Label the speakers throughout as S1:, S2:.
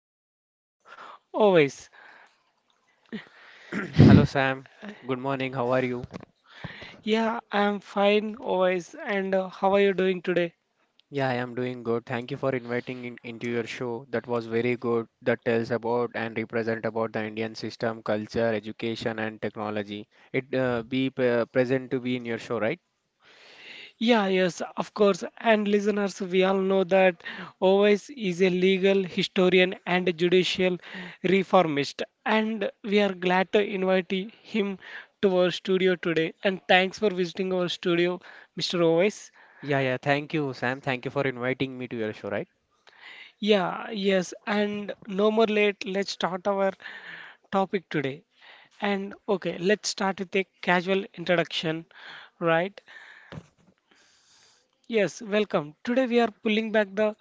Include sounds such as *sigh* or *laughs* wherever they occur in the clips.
S1: guest is Always.
S2: *clears throat* Hello, Sam. Good morning. How are you?
S1: Yeah, I'm fine, Always. And how are you doing today?
S2: Yeah, I am doing good. Thank you for inviting in, into your show. That was very good. That tells about and represent about the Indian system, culture, education, and technology. It be present to be in your show, right?
S1: Yeah, yes, of course. And listeners, we all know that OS is a legal historian and judicial reformist. And we are glad to invite him to our studio today. And thanks for visiting our studio, Mr. OS.
S2: Yeah, yeah. Thank you, Sam. Thank you for inviting me to your show, right?
S1: Yeah, yes. And no more late, let's start our topic today. And okay, let's start with a casual introduction, right? Yes, welcome. Today we are pulling back the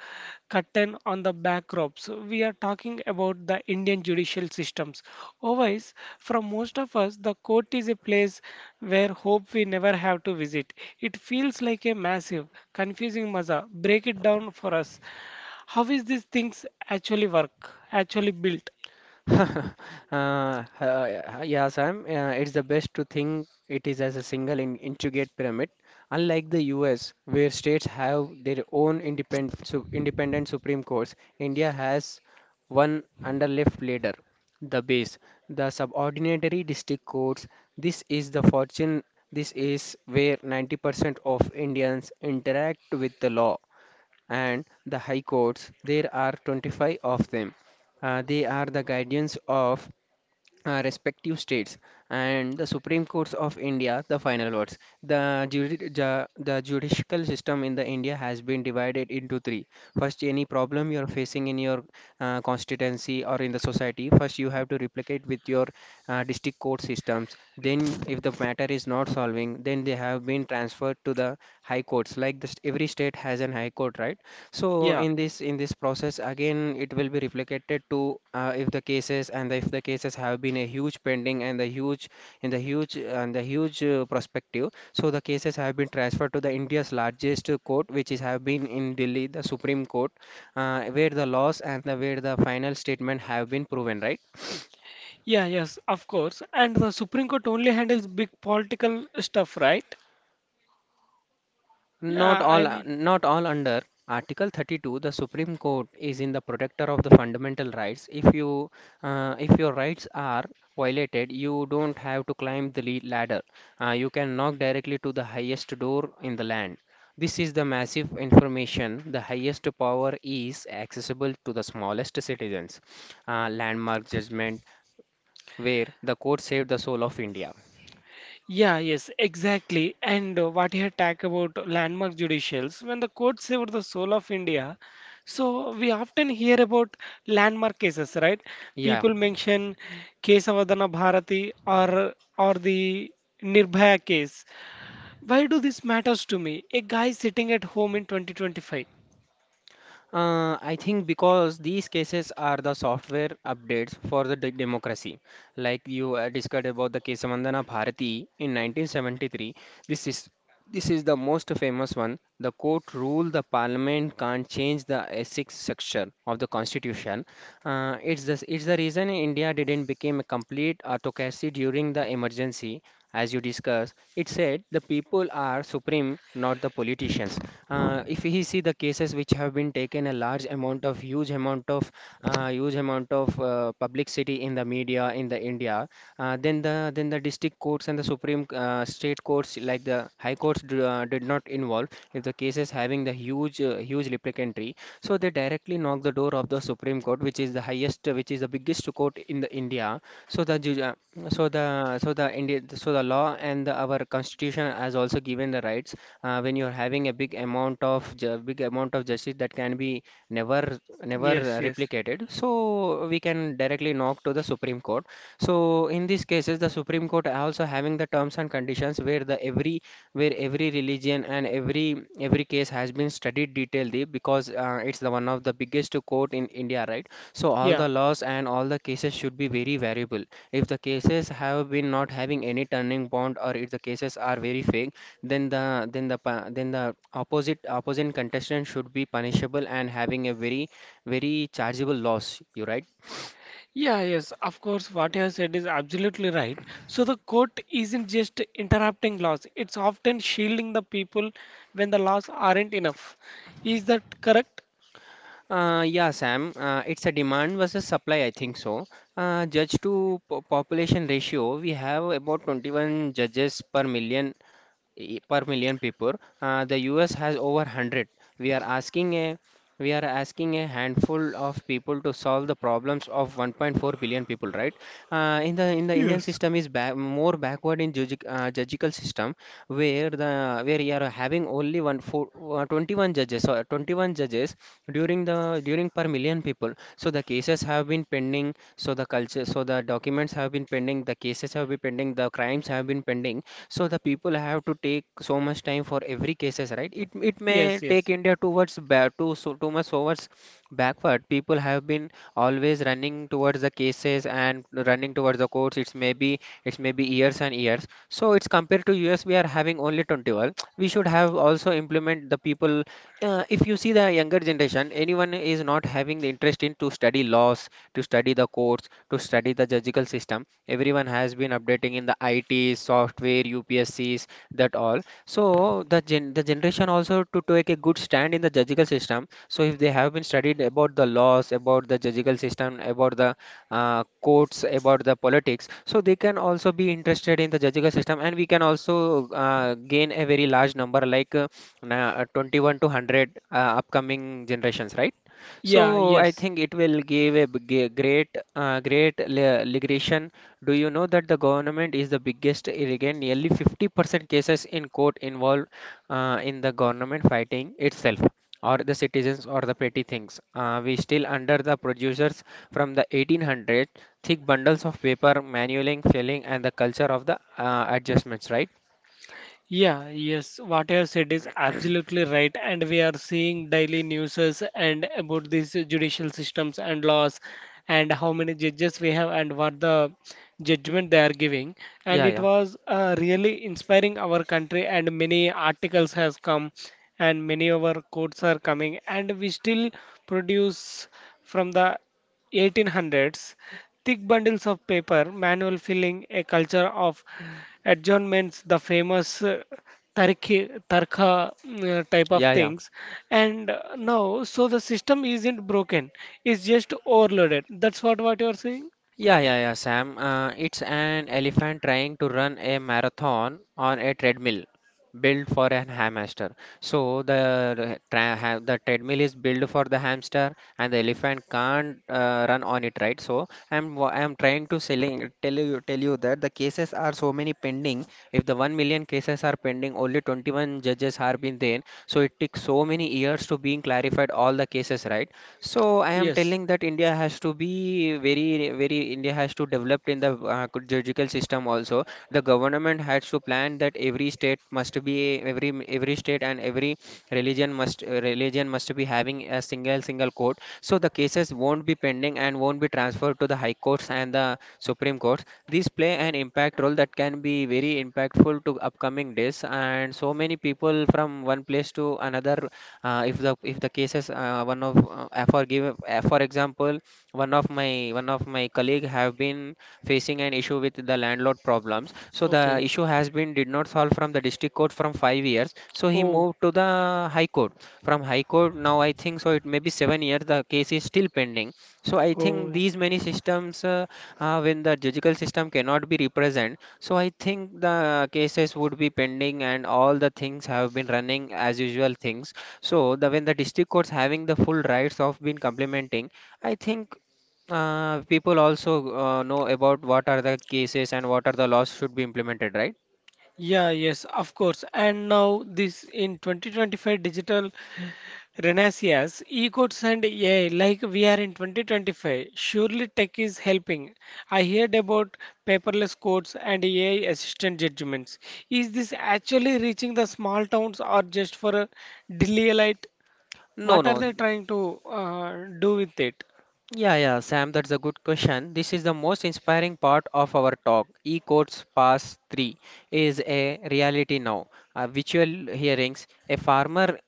S1: curtain on the backdrops. We are talking about the Indian judicial systems. Always, for most of us, the court is a place where hope we never have to visit. It feels like a massive, confusing maza. Break it down for us. How is these things actually work, actually built?
S2: *laughs* Uh, yes, Sam. It's the best to think it is as a single in intricate pyramid, unlike the U.S., where states have their own independent su independent Supreme Courts. India has one underleft ladder, the base, the subordinatory district courts. This is the fortune. This is where 90% of Indians interact with the law and the high courts. There are 25 of them. They are the guardians of respective states and the Supreme Courts of India, the final words. The judicial system in the India has been divided into three. First, any problem you're facing in your constituency or in the society, first you have to replicate with your district court systems. Then, if the matter is not solving, then they have been transferred to the high courts. Like this, every state has an high court, right? So
S1: Yeah,
S2: in this process again it will be reflected to, if the cases and if the cases have been a huge pending and the huge in the huge perspective, so the cases have been transferred to the India's largest court, which is have been in Delhi, the Supreme Court, where the laws and the where the final statement have been proven right.
S1: yeah, yes, of course. And the Supreme Court only handles big political stuff, right? Yeah,
S2: Not
S1: I
S2: all,
S1: mean,
S2: not all under Article 32, the Supreme Court is in the protector of the fundamental rights. If you, if your rights are violated, you don't have to climb the ladder. You can knock directly to the highest door in the land. This is the massive information. The highest power is accessible to the smallest citizens. Landmark judgment where the court saved the soul of India.
S1: yeah, yes, exactly. And what you had talked about landmark judicials, when the court saved the soul of India, so we often hear about landmark cases, right?
S2: Yeah,
S1: People mention Kesavadana Bharati or the Nirbhaya case. Why do this matters to me? A guy sitting at home in 2025.
S2: I think because these cases are the software updates for the democracy. Like you discussed about the case Mandana Bharati in 1973. This is this is the most famous one. The court ruled the parliament can't change the ethics section of the constitution. It's the reason India didn't become a complete autocracy during the emergency. As you discussed, it said the people are supreme, not the politicians. If we see the cases which have been taken a large amount of huge amount of publicity in the media in the india, then the district courts and the supreme state courts like the high courts did not involve. If the case is having the huge huge replicatory, so they directly knock the door of the supreme court, which is the highest, which is the biggest court in the india. So the ju- uh, so the so the india, so the law and the, our constitution has also given the rights. When you're having a big amount of big amount of justice that can be never never replicated, so we can directly knock to the supreme court. So in these cases, the supreme court also having the terms and conditions where the every where every religion and every case has been studied detailedly, because it's the one of the biggest court in india, right? So all
S1: Yeah.
S2: the laws and all the cases should be very variable. If the cases have been not having any turning point, or if the cases are very fake, then the opposite contestant should be punishable and having a very, very chargeable loss you right.
S1: Yeah, yes, of course, what you have said is absolutely right. So the court isn't just interrupting laws, it's often shielding the people when the laws aren't enough. Is that correct?
S2: Yeah, Sam. It's a demand versus supply, I think so. Judge to population ratio, we have about 21 judges per million, per million people. The US has over 100. We are asking a we are asking a handful of people to solve the problems of 1.4 billion people, right? In the Indian
S1: Yes.
S2: system is back, more backward in judicial judicial system, where the where you are having only 1 4, 21 judges or 21 judges during the during per million people. So the cases have been pending. So the culture, so the documents have been pending. The cases have been pending. The crimes have been pending. So the people have to take so much time for every cases, right? It may
S1: Yes, yes.
S2: take india towards back to so too much towards backward. People have been always running towards the cases and running towards the courts. It's maybe years and years, so it's compared to us. We are having only 21, we should have also implement the people. If you see the younger generation, anyone is not having the interest in to study laws, to study the courts, to study the judicial system. Everyone has been updating in the IT, software, UPSCs, that all. So the generation also to take a good stand in the judicial system. So if they have been studied about the laws, about the judicial system, about the courts, about the politics, so they can also be interested in the judicial system, and we can also gain a very large number, like 21 to 100 upcoming generations, right?
S1: Yeah,
S2: So I
S1: yes.
S2: think it will give a great, great liberation. Do you know that the government is the biggest irrigant? Nearly 50% cases in court involve in the government fighting itself, or the citizens, or the petty things. We still under the producers from the 1800s, thick bundles of paper, manualing, filling, and the culture of the adjustments, right?
S1: Yeah, yes, what you have said is absolutely right, and we are seeing daily news and about these judicial systems and laws, and how many judges we have, and what the judgment they are giving. And
S2: Yeah,
S1: it
S2: yeah,
S1: was really inspiring our country, and many articles has come, and many of our courts are coming, and we still produce from the 1800s thick bundles of paper, manual filling, a culture of adjournments, the famous tarki, tarka type of
S2: yeah, yeah.
S1: things. And now, so the system isn't broken, it's just overloaded. That's what you're saying?
S2: Yeah, yeah, yeah, Sam. It's an elephant trying to run a marathon on a treadmill built for an hamster. So the treadmill is built for the hamster, and the elephant can't run on it, right? So I'm trying to selling tell you that the cases are so many pending. If the 1 million cases are pending, only 21 judges have been there. So it took so many years to being clarified all the cases, right? So I am telling that India has to be very, very, India has to develop in the judicial system also. The government has to plan that every state must be every state and every religion must be having a single court. So the cases won't be pending and won't be transferred to the high courts and the supreme courts. These play an impact role that can be very impactful to upcoming days and so many people from one place to another. Uh, if the cases one of for give For example, one of my colleague have been facing an issue with the landlord problems. So the issue has been did not solve from the district court from 5 years, so he moved to the high court. From high court, now I think, so it may be 7 years, the case is still pending. So I think these many systems, when the judicial system cannot be represent, so I think the cases would be pending and all the things have been running as usual things. So the when the district courts having the full rights of been complementing, I think people also know about what are the cases and what are the laws should be implemented, right?
S1: Yeah, yes, of course. And now this in 2025 digital renaissance, e-codes and AI, like we are in 2025, surely tech is helping. I heard about paperless codes and AI assistant judgments. Is this actually reaching the small towns or just for a daily?
S2: No,
S1: What are
S2: no.
S1: they trying to do with it?
S2: Yeah, yeah, Sam, that's a good question. This is the most inspiring part of our talk. E-Courts Pass 3 is a reality now. Virtual hearings.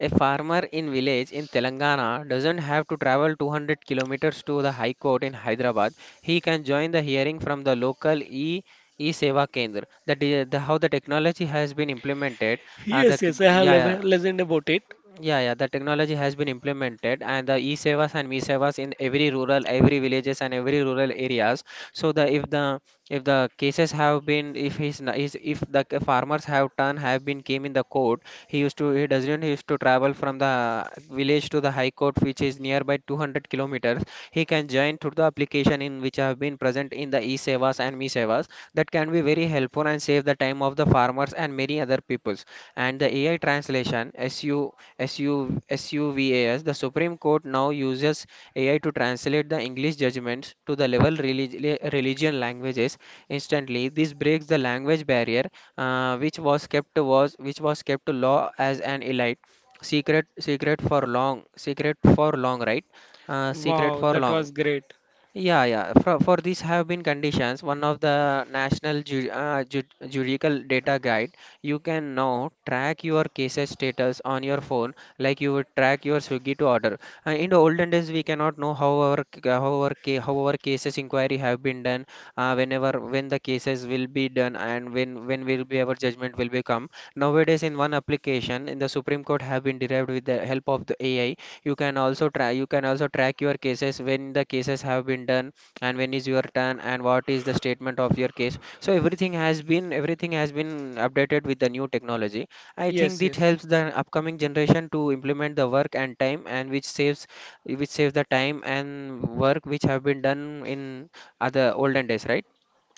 S2: A farmer in village in Telangana doesn't have to travel 200 kilometers to the High Court in Hyderabad. He can join the hearing from the local e Seva Kendra. The, de- the How the technology has been implemented.
S1: Yes, yes, I have
S2: Yeah, yeah,
S1: listened about it.
S2: yeah, yeah, the technology has been implemented and the e-sevas and me-sevas in every rural, every villages and every rural areas. So the if the cases have been, if his n- is if the c- farmers have done have been came in the court, he doesn't used to travel from the village to the high court, which is nearby 200 kilometers. He can join through the application in which have been present in the e-sevas and me-sevas. That can be very helpful and save the time of the farmers and many other peoples. And the AI translation, as you SUVAS, the Supreme Court now uses AI to translate the English judgments to the religion languages instantly. This breaks the language barrier, which was kept to law as an elite secret secret for long right secret
S1: Wow,
S2: for
S1: that
S2: long.
S1: was great.
S2: Yeah, yeah, for these have been conditions. One of the national ju ju judicial data guide, you can now track your cases status on your phone, like you would track your Swiggy to order. In the olden days, we cannot know how our c- how our ca how our cases inquiry have been done, when the cases will be done and when will be our judgment will be come. Nowadays, in one application, in the Supreme Court have been derived with the help of the AI, you can also track your cases when the cases have been done and when is your turn and what is the statement of your case. So everything has been updated with the new technology. I think
S1: Yes,
S2: this
S1: yes.
S2: helps the upcoming generation to implement the work and time and which saves the time and work which have been done in other olden days, right?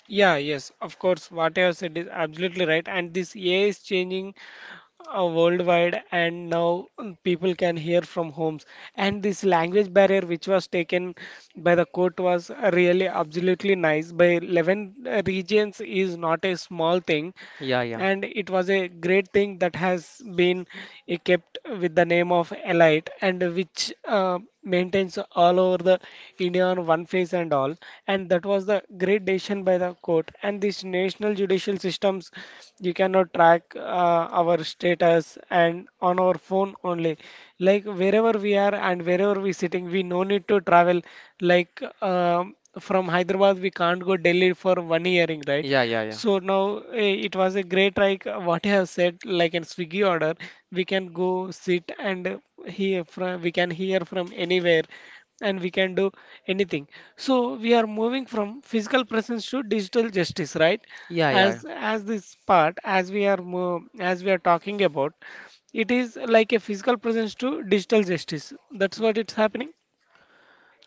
S1: Yeah, yes, of course. What I have said is absolutely right. And this AI is changing worldwide, and now people can hear from homes. And this language barrier, which was taken by the court, was really absolutely nice. By 11 regions is not a small thing.
S2: yeah yeah
S1: And it was a great thing that has been kept with the name of Elite, and which maintains all over the India on one face and all. And that was the great decision by the court. And these national judicial systems, you cannot track our status and on our phone only, like wherever we are and wherever we sitting, we no need to travel, like from Hyderabad we can't go Delhi for one hearing, right?
S2: Yeah, yeah, yeah.
S1: So now it was a great, like what I have said, like in Swiggy order, we can go sit and hear from we can hear from anywhere, and we can do anything. So we are moving from physical presence to digital justice, right?
S2: yeah yeah
S1: As this part, as we are talking about, it is like a physical presence to digital justice. That's what it's happening.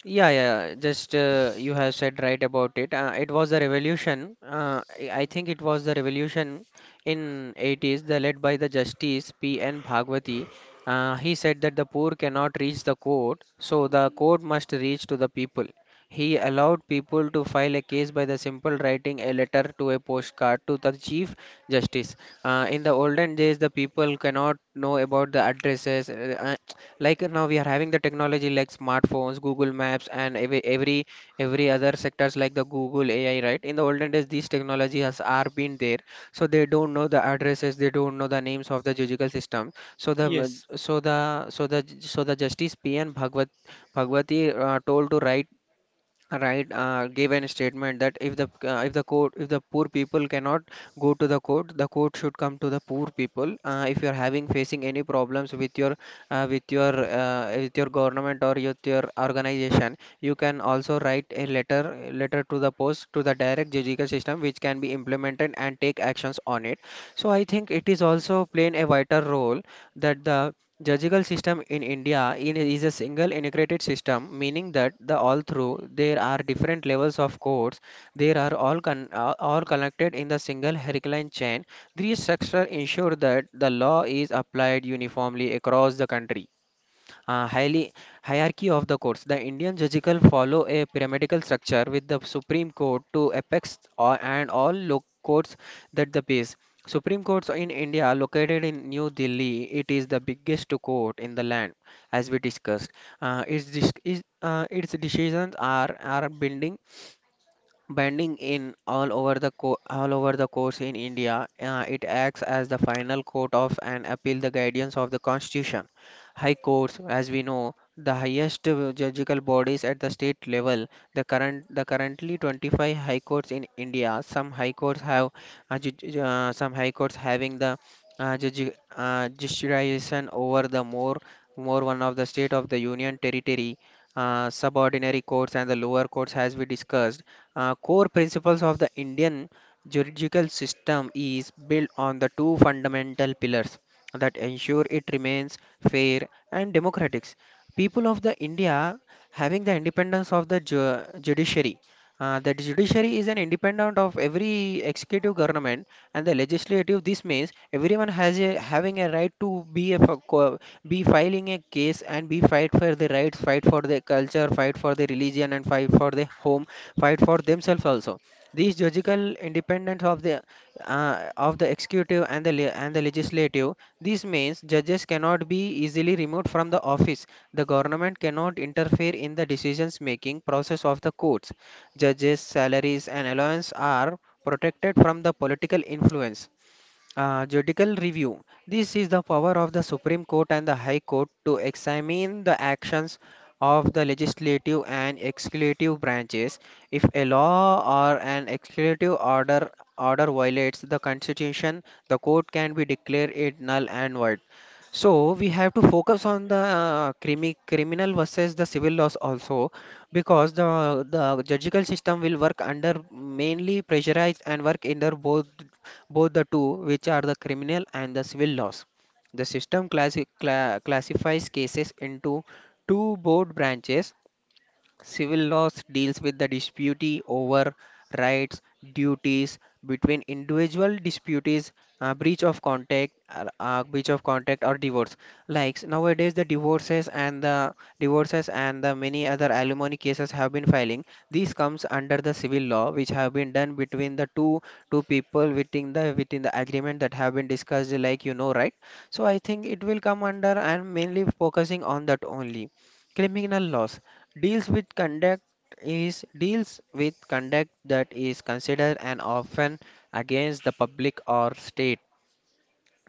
S2: Yeah, yeah, yeah, just you have said right about it. It was the revolution. I think it was the revolution in 80s, the led by the Justice P. N. Bhagwati. He said that the poor cannot reach the court, so the court must reach to the people. He allowed people to file a case by the simple writing a letter to a postcard to the Chief Justice. In the olden days, the people cannot know about the addresses. Now we are having the technology like smartphones, google maps and every other sectors like the google ai, right? In the olden days these technology has are been there, so they don't know the addresses, they don't know the names of the judicial system. So the
S1: Yes,
S2: so the so the so the justice pn bhagwat bhagwati told to write right gave an statement that if the court, if the poor people cannot go to the court, the court should come to the poor people. Uh, if you are having facing any problems with your with your with your government or with your organization, you can also write a letter letter to the post to the direct judicial system which can be implemented and take actions on it. So I think it is also playing a vital role. That the judicial system in India is a single integrated system, meaning that the all through there are different levels of courts. They are all connected in the single hurricane chain. This structure ensure that the law is applied uniformly across the country. Highly Hierarchy of the courts. The Indian judicial follow a pyramidal structure with the Supreme Court to apex or, and all local courts that the base. Supreme Courts in India located in New Delhi. It is the biggest court in the land, as we discussed. Its decisions are binding bending in all over the all over the course in India. It acts as the final court of an appeal, the guardians of the constitution. High courts, as we know, the highest judicial bodies at the state level. The currently 25 high courts in India. Some high courts having the jurisdiction over the more one of the state of the union territory. Subordinary courts and the lower courts, as we discussed. Core principles of the Indian juridical system is built on the two fundamental pillars that ensure it remains fair and democratic. People of the India having the independence of the judiciary. The judiciary is an independent of every executive government and the legislative. This means everyone has a having a right to be filing a case and be fight for the rights, fight for the culture, fight for the religion, and fight for the home fight for themselves also. This judicial independence of the executive and the legislative. This means judges cannot be easily removed from the office. The government cannot interfere in the decisions making process of the courts. Judges' salaries and allowance are protected from the political influence. Judicial review. This is the power of the Supreme Court and the High Court to examine the actions of the legislative and executive branches. If a law or an executive order violates the Constitution, the court can be declared it null and void. So we have to focus on the criminal versus the civil laws also, because the judicial system will work under mainly pressurized and work under both the two which are the criminal and the civil laws. The system classifies cases into two broad branches. Civil laws deals with the dispute over rights, duties between individual disputes, breach of contract or divorce. Like nowadays, the divorces and the many other alimony cases have been filing. These comes under the civil law, which have been done between the two people within the agreement that have been discussed, like you know, right? So I think it will come under and mainly focusing on that only. Criminal laws. Deals with conduct Deals with conduct that is considered and often against the public or state,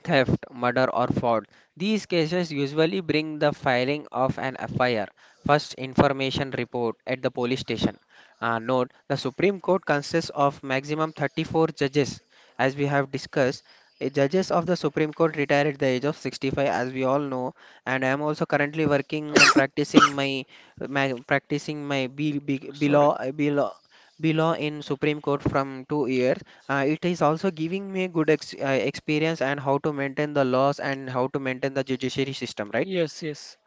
S2: theft, murder, or fraud. These cases usually bring the filing of an FIR, first information report, at the police station. Note the Supreme Court consists of maximum 34 judges, as we have discussed. The judges of the Supreme Court retire at the age of 65, as we all know, and I am also currently working and practicing my B
S1: sorry. What?
S2: law in Supreme Court from 2 years. It is also giving me a good ex experience and how to maintain the laws and how to maintain the judiciary system, right?
S1: Yes, yes.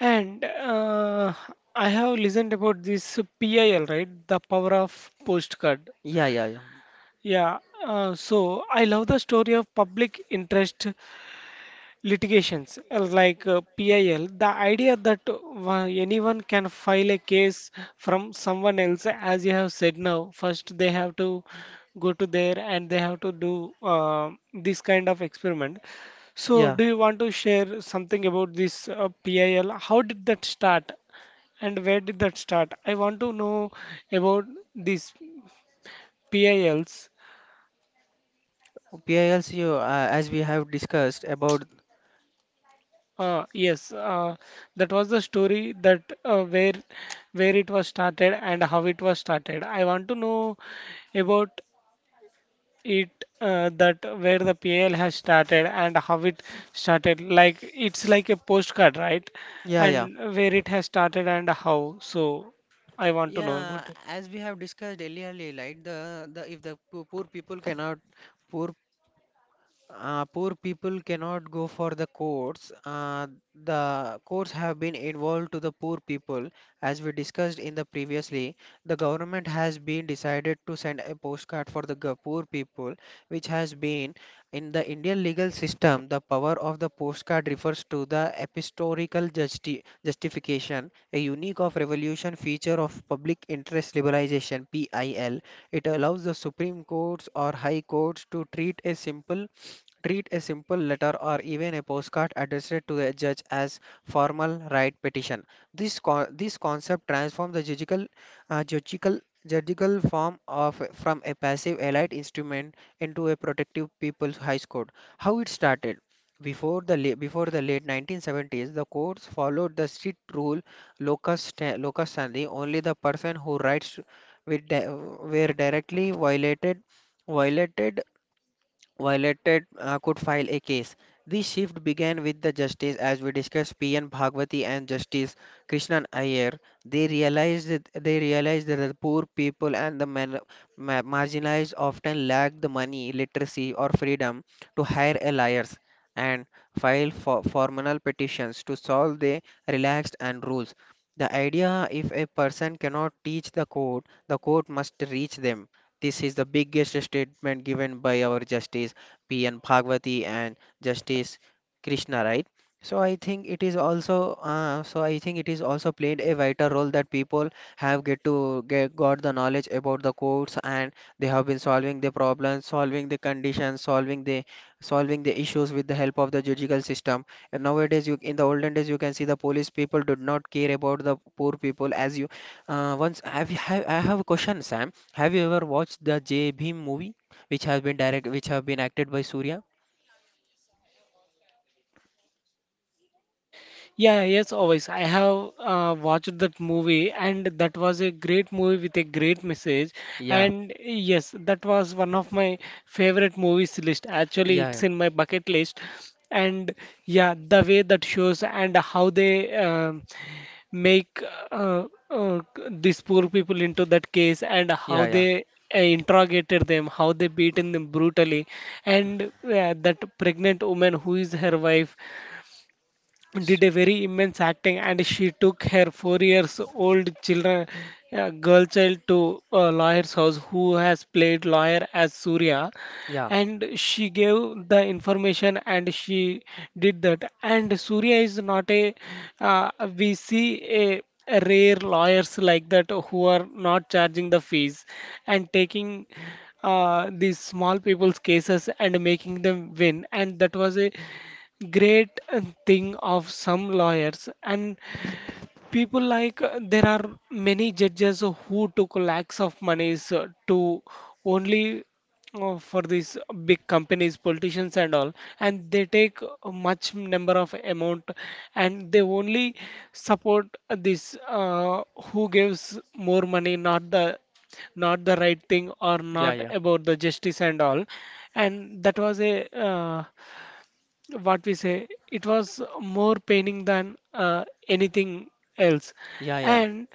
S1: And I have listened about this PIL, right? The power of postcard.
S2: Yeah, yeah, yeah.
S1: Yeah. So I love the story of public interest litigations, like PIL, the idea that anyone can file a case from someone else. As you have said now, first they have to go to there and they have to do this kind of experiment. So,
S2: Yeah.
S1: do you want to share something about this PIL? How did that start and where did that start? I want to know about these PILs.
S2: PILCU, as we have discussed about,
S1: Yes, that was the story that where it was started and how it was started. I want to know about it, that where the PL has started and how it started. Like it's like a postcard, right?
S2: yeah, yeah.
S1: And where it has started and how. So I want to know
S2: Yeah,
S1: about it.
S2: as we have discussed earlier, like the if the poor people cannot, poor poor people cannot go for the courts. The courts have been involved to the poor people, as we discussed in the previously. The government has been decided to send a postcard for the poor people, which has been in the Indian legal system. The power of the postcard refers to the epistolical justification, a unique of revolution feature of public interest liberalization (PIL). It allows the Supreme Courts or High Courts to treat a simple letter or even a postcard addressed to a judge as formal right petition. This concept transforms the judicial uh, judicial judicial form of from a passive elite instrument into a protective people's high court. How it started? Before the late 1970s, the courts followed the strict rule locus standi. Only the person who writes with were directly violated violated could file a case. This shift began with the justice, as we discussed, P.N. Bhagwati and Justice Krishnan Iyer. They realized that the poor people and the marginalized often lack the money, literacy, or freedom to hire a lawyers and file for formal petitions to solve the relaxed and rules. The idea if a person cannot teach the court must reach them. This is the biggest statement given by our Justice P.N. Bhagwati and Justice Krishna, right? So I think it is also played a vital role that people have get to get got the knowledge about the courts and they have been solving the problems, solving the conditions, solving the issues with the help of the judicial system. And nowadays, you in the olden days you can see the police people did not care about the poor people as you. Once have I have a question, Sam. Have you ever watched the J Bhim movie, which has been direct, which have been acted by Surya?
S1: Yeah, yes, always. I have watched that movie, and that was a great movie with a great message.
S2: Yeah,
S1: And yes, that was one of my favorite movies list. Actually,
S2: yeah,
S1: it's
S2: yeah,
S1: in my bucket list. And yeah, the way that shows and how they make uh, uh, these poor people into that case, and
S2: yeah,
S1: how
S2: yeah,
S1: they interrogated them, how they beaten them brutally, and that pregnant woman who is her wife,
S2: S-
S1: did a very immense acting. And she took her 4 years old children, girl child, to a lawyer's house who has played lawyer as Surya.
S2: yeah,
S1: And she gave the information and she did that. And Surya is not a uh, we see a rare lawyers like that who are not charging the fees and taking these small people's cases and making them win. And that was a great thing of some lawyers. And people, like, there are many judges who took lakhs of monies, to only, for these big companies, politicians and all. And they take a much number of amount, and they only support this, who gives more money, not the right thing, or
S2: yeah,
S1: not
S2: yeah,
S1: about the justice and all. And that was a uh, what we say, it was more paining than anything else.
S2: yeah, yeah.
S1: And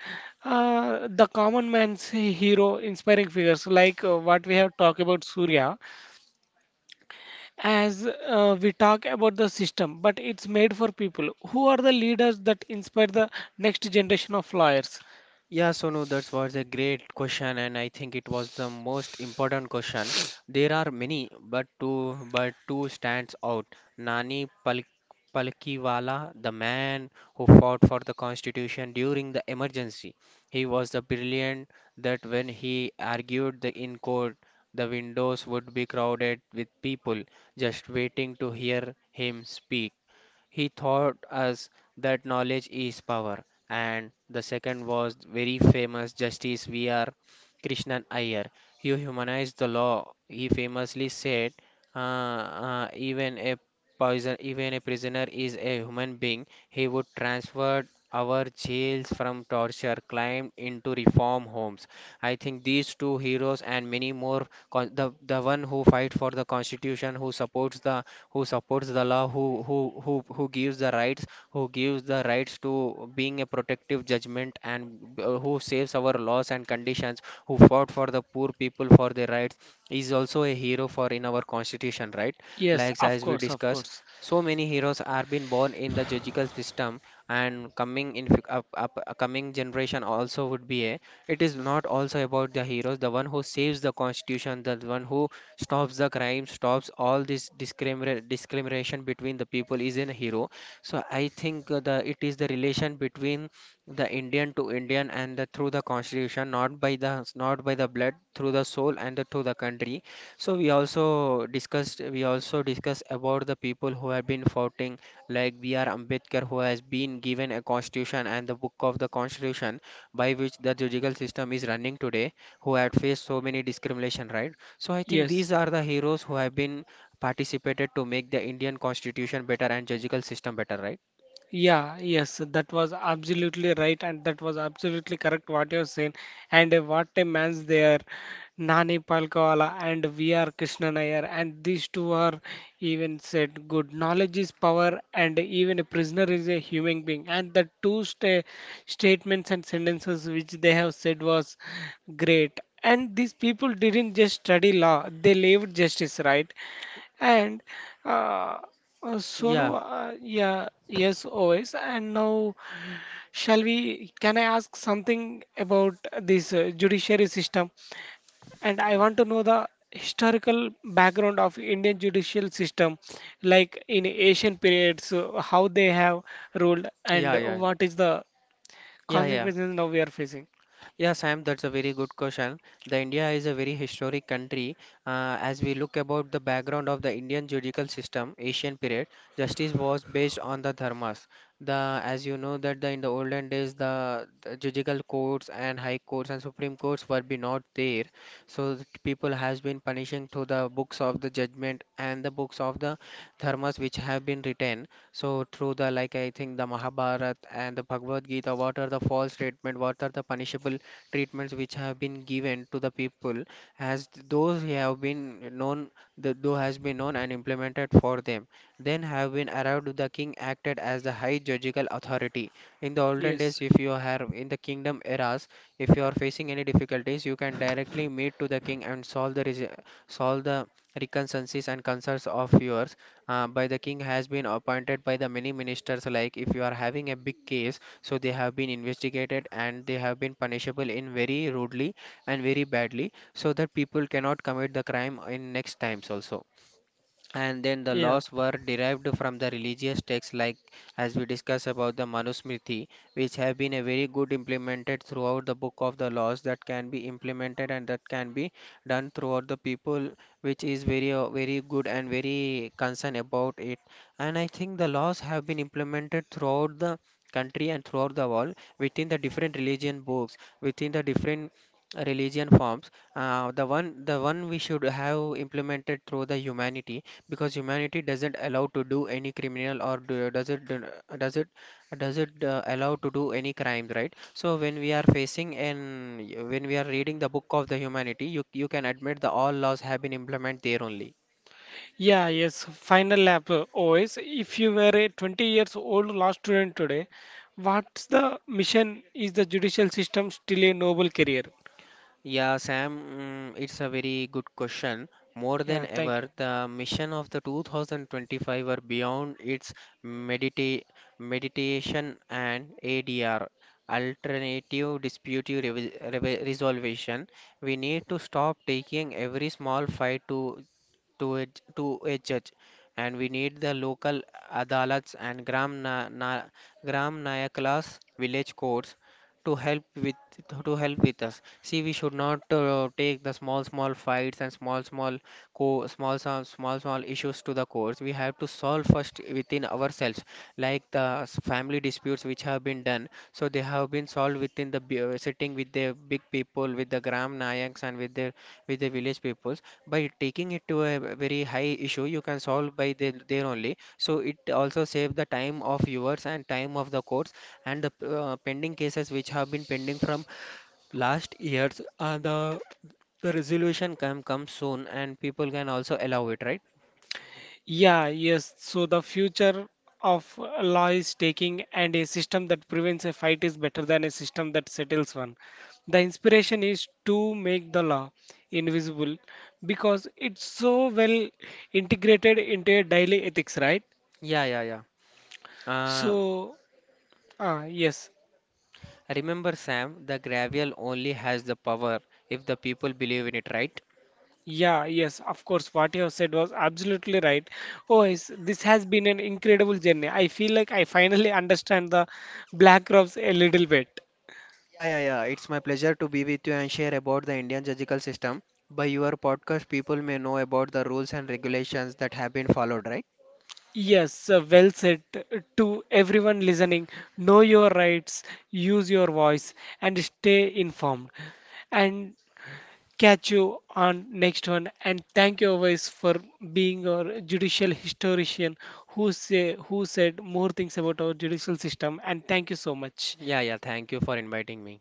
S1: the common man's hero, inspiring figures like, what we have talked about, Surya. As we talk about the system, but it's made for people. Who are the leaders that inspire the next generation of lawyers?
S2: Yeah, Sonu, that was a great question, and I think it was the most important question. There are many, but two stands out. Nani Pal Palkiwala, the man who fought for the constitution during the emergency. He was the brilliant that when he argued the in court, the windows would be crowded with people just waiting to hear him speak. He taught us that knowledge is power. And the second was very famous Justice V.R. Krishnan Iyer. You humanize the law. He famously said, even a poison, even a prisoner is a human being. He would transfer our jails from torture, climbed into reform homes. I think these two heroes and many more, the one who fight for the constitution, who supports the law, who gives the rights, who gives the rights to being a protective judgment, and who saves our laws and conditions, who fought for the poor people for their rights, is also a hero for in our constitution, right?
S1: Yes,
S2: Like
S1: of
S2: as we
S1: course, of
S2: discuss.
S1: course.
S2: So many heroes are been born in the judicial system, and coming in coming generation also would be a. It is not also about the heroes, the one who saves the constitution, the one who stops the crime stops all this discrimination between the people is in a hero. So I think the it is the relation between the Indian to Indian and through the constitution, not by the blood, through the soul and through the country. We also discussed about the people who have been fighting, like BR Ambedkar, who has been given a constitution and the book of the constitution by which the judicial system is running today, who had faced so many discrimination, right? So I think
S1: Yes.
S2: these are the heroes who have been participated to make the Indian constitution better and judicial system better, right?
S1: Yeah, yes, that was absolutely right, and that was absolutely correct what you have saying. And what a man's there, Nani Palkawala and V.R. Krishnan Iyer, and these two are even said good. Knowledge is power, and even a prisoner is a human being. And the two statements and sentences which they have said was great. And these people didn't just study law, they lived justice, right? And uh, Sonu,
S2: Yeah,
S1: yeah, yes, always. And now, shall we? Can I ask something about this judiciary system? And I want to know the historical background of Indian judicial system, like in Asian periods, how they have ruled, and
S2: yeah, yeah,
S1: what is the
S2: yeah, yeah.
S1: consequences now we are facing.
S2: Yeah, Sam, that's a very good question. The India is a very historic country. As we look about the background of the Indian judicial system, Asian period, justice was based on the dharmas. The as you know that in the olden days the judicial courts and high courts and supreme courts were be not there. So the people has been punishing through the books of the judgment and the books of the dharmas which have been written. So through the like I think the Mahabharata and the Bhagavad Gita, what are the false statement, what are the punishable treatments which have been given to the people as those have been known, the those has been known and implemented for them. Then have been arrived the king acted as the high judicial authority in the olden
S1: Yes.
S2: days. If you have in the kingdom eras, if you are facing any difficulties, you can directly meet to the king and solve the solve the reconciliations and concerns of yours. By the king has been appointed by the many ministers. Like if you are having a big case, so they have been investigated and they have been punishable in very rudely and very badly, so that people cannot commit the crime in next times also. And then the
S1: Yeah.
S2: laws were derived from the religious texts, like as we discussed about the manusmriti, which have been a very good implemented throughout the book of the laws that can be implemented and that can be done throughout the people, which is very very good and very concerned about it. And I think the laws have been implemented throughout the country and throughout the world within the different religion books, within the different religion forms. The one we should have implemented through the humanity, because humanity doesn't allow to do any criminal or does it does it allow to do any crimes, right? So when we are facing and when we are reading the book of the humanity, you can admit the all laws have been implemented there only.
S1: Yeah, yes, final lap, OS. If you were a 20 years old law student today, what's the mission? Is the judicial system still a noble career?
S2: Yeah, Sam, mm, it's a very good question. More
S1: Yeah,
S2: than
S1: thank you.
S2: ever, the mission of the 2025 were beyond its medita meditation and ADR, alternative dispute resolution. We need to stop taking every small fight to a to a judge, and we need the local adalats and gram nayaklas village courts to help with to help with us. See, we should not take the small small fights and small small small small issues to the courts. We have to solve first within ourselves, like the family disputes which have been done. So they have been solved within the sitting with the big people, with the gram nayaks and with their with the village peoples. By taking it to a very high issue, you can solve by there only. So it also save the time of viewers and time of the courts. And the pending cases which have been pending from last years, the resolution can come soon and people can also allow it, right?
S1: Yeah, yes. So the future of law is taking, and a system that prevents a fight is better than a system that settles one. The inspiration is to make the law invisible because it's so well integrated into your daily ethics, right?
S2: Yeah, yeah, yeah. uh,
S1: So, yes.
S2: remember Sam, the gravel only has the power if the people believe in it, right?
S1: Yeah, yes, of course. What you have said was absolutely right. Oh, yes, this has been an incredible journey. I feel like I finally *laughs* understand the Black Robes a little bit.
S2: Yeah, yeah, yeah. It's my pleasure to be with you and share about the Indian judicial system. By your podcast, people may know about the rules and regulations that have been followed, right?
S1: Yes, well said. To everyone listening, know your rights, use your voice, and stay informed. And catch you on next one. And thank you, always, for being our judicial historian, who said more things about our judicial system. And thank you so much.
S2: Yeah, yeah, thank you for inviting me.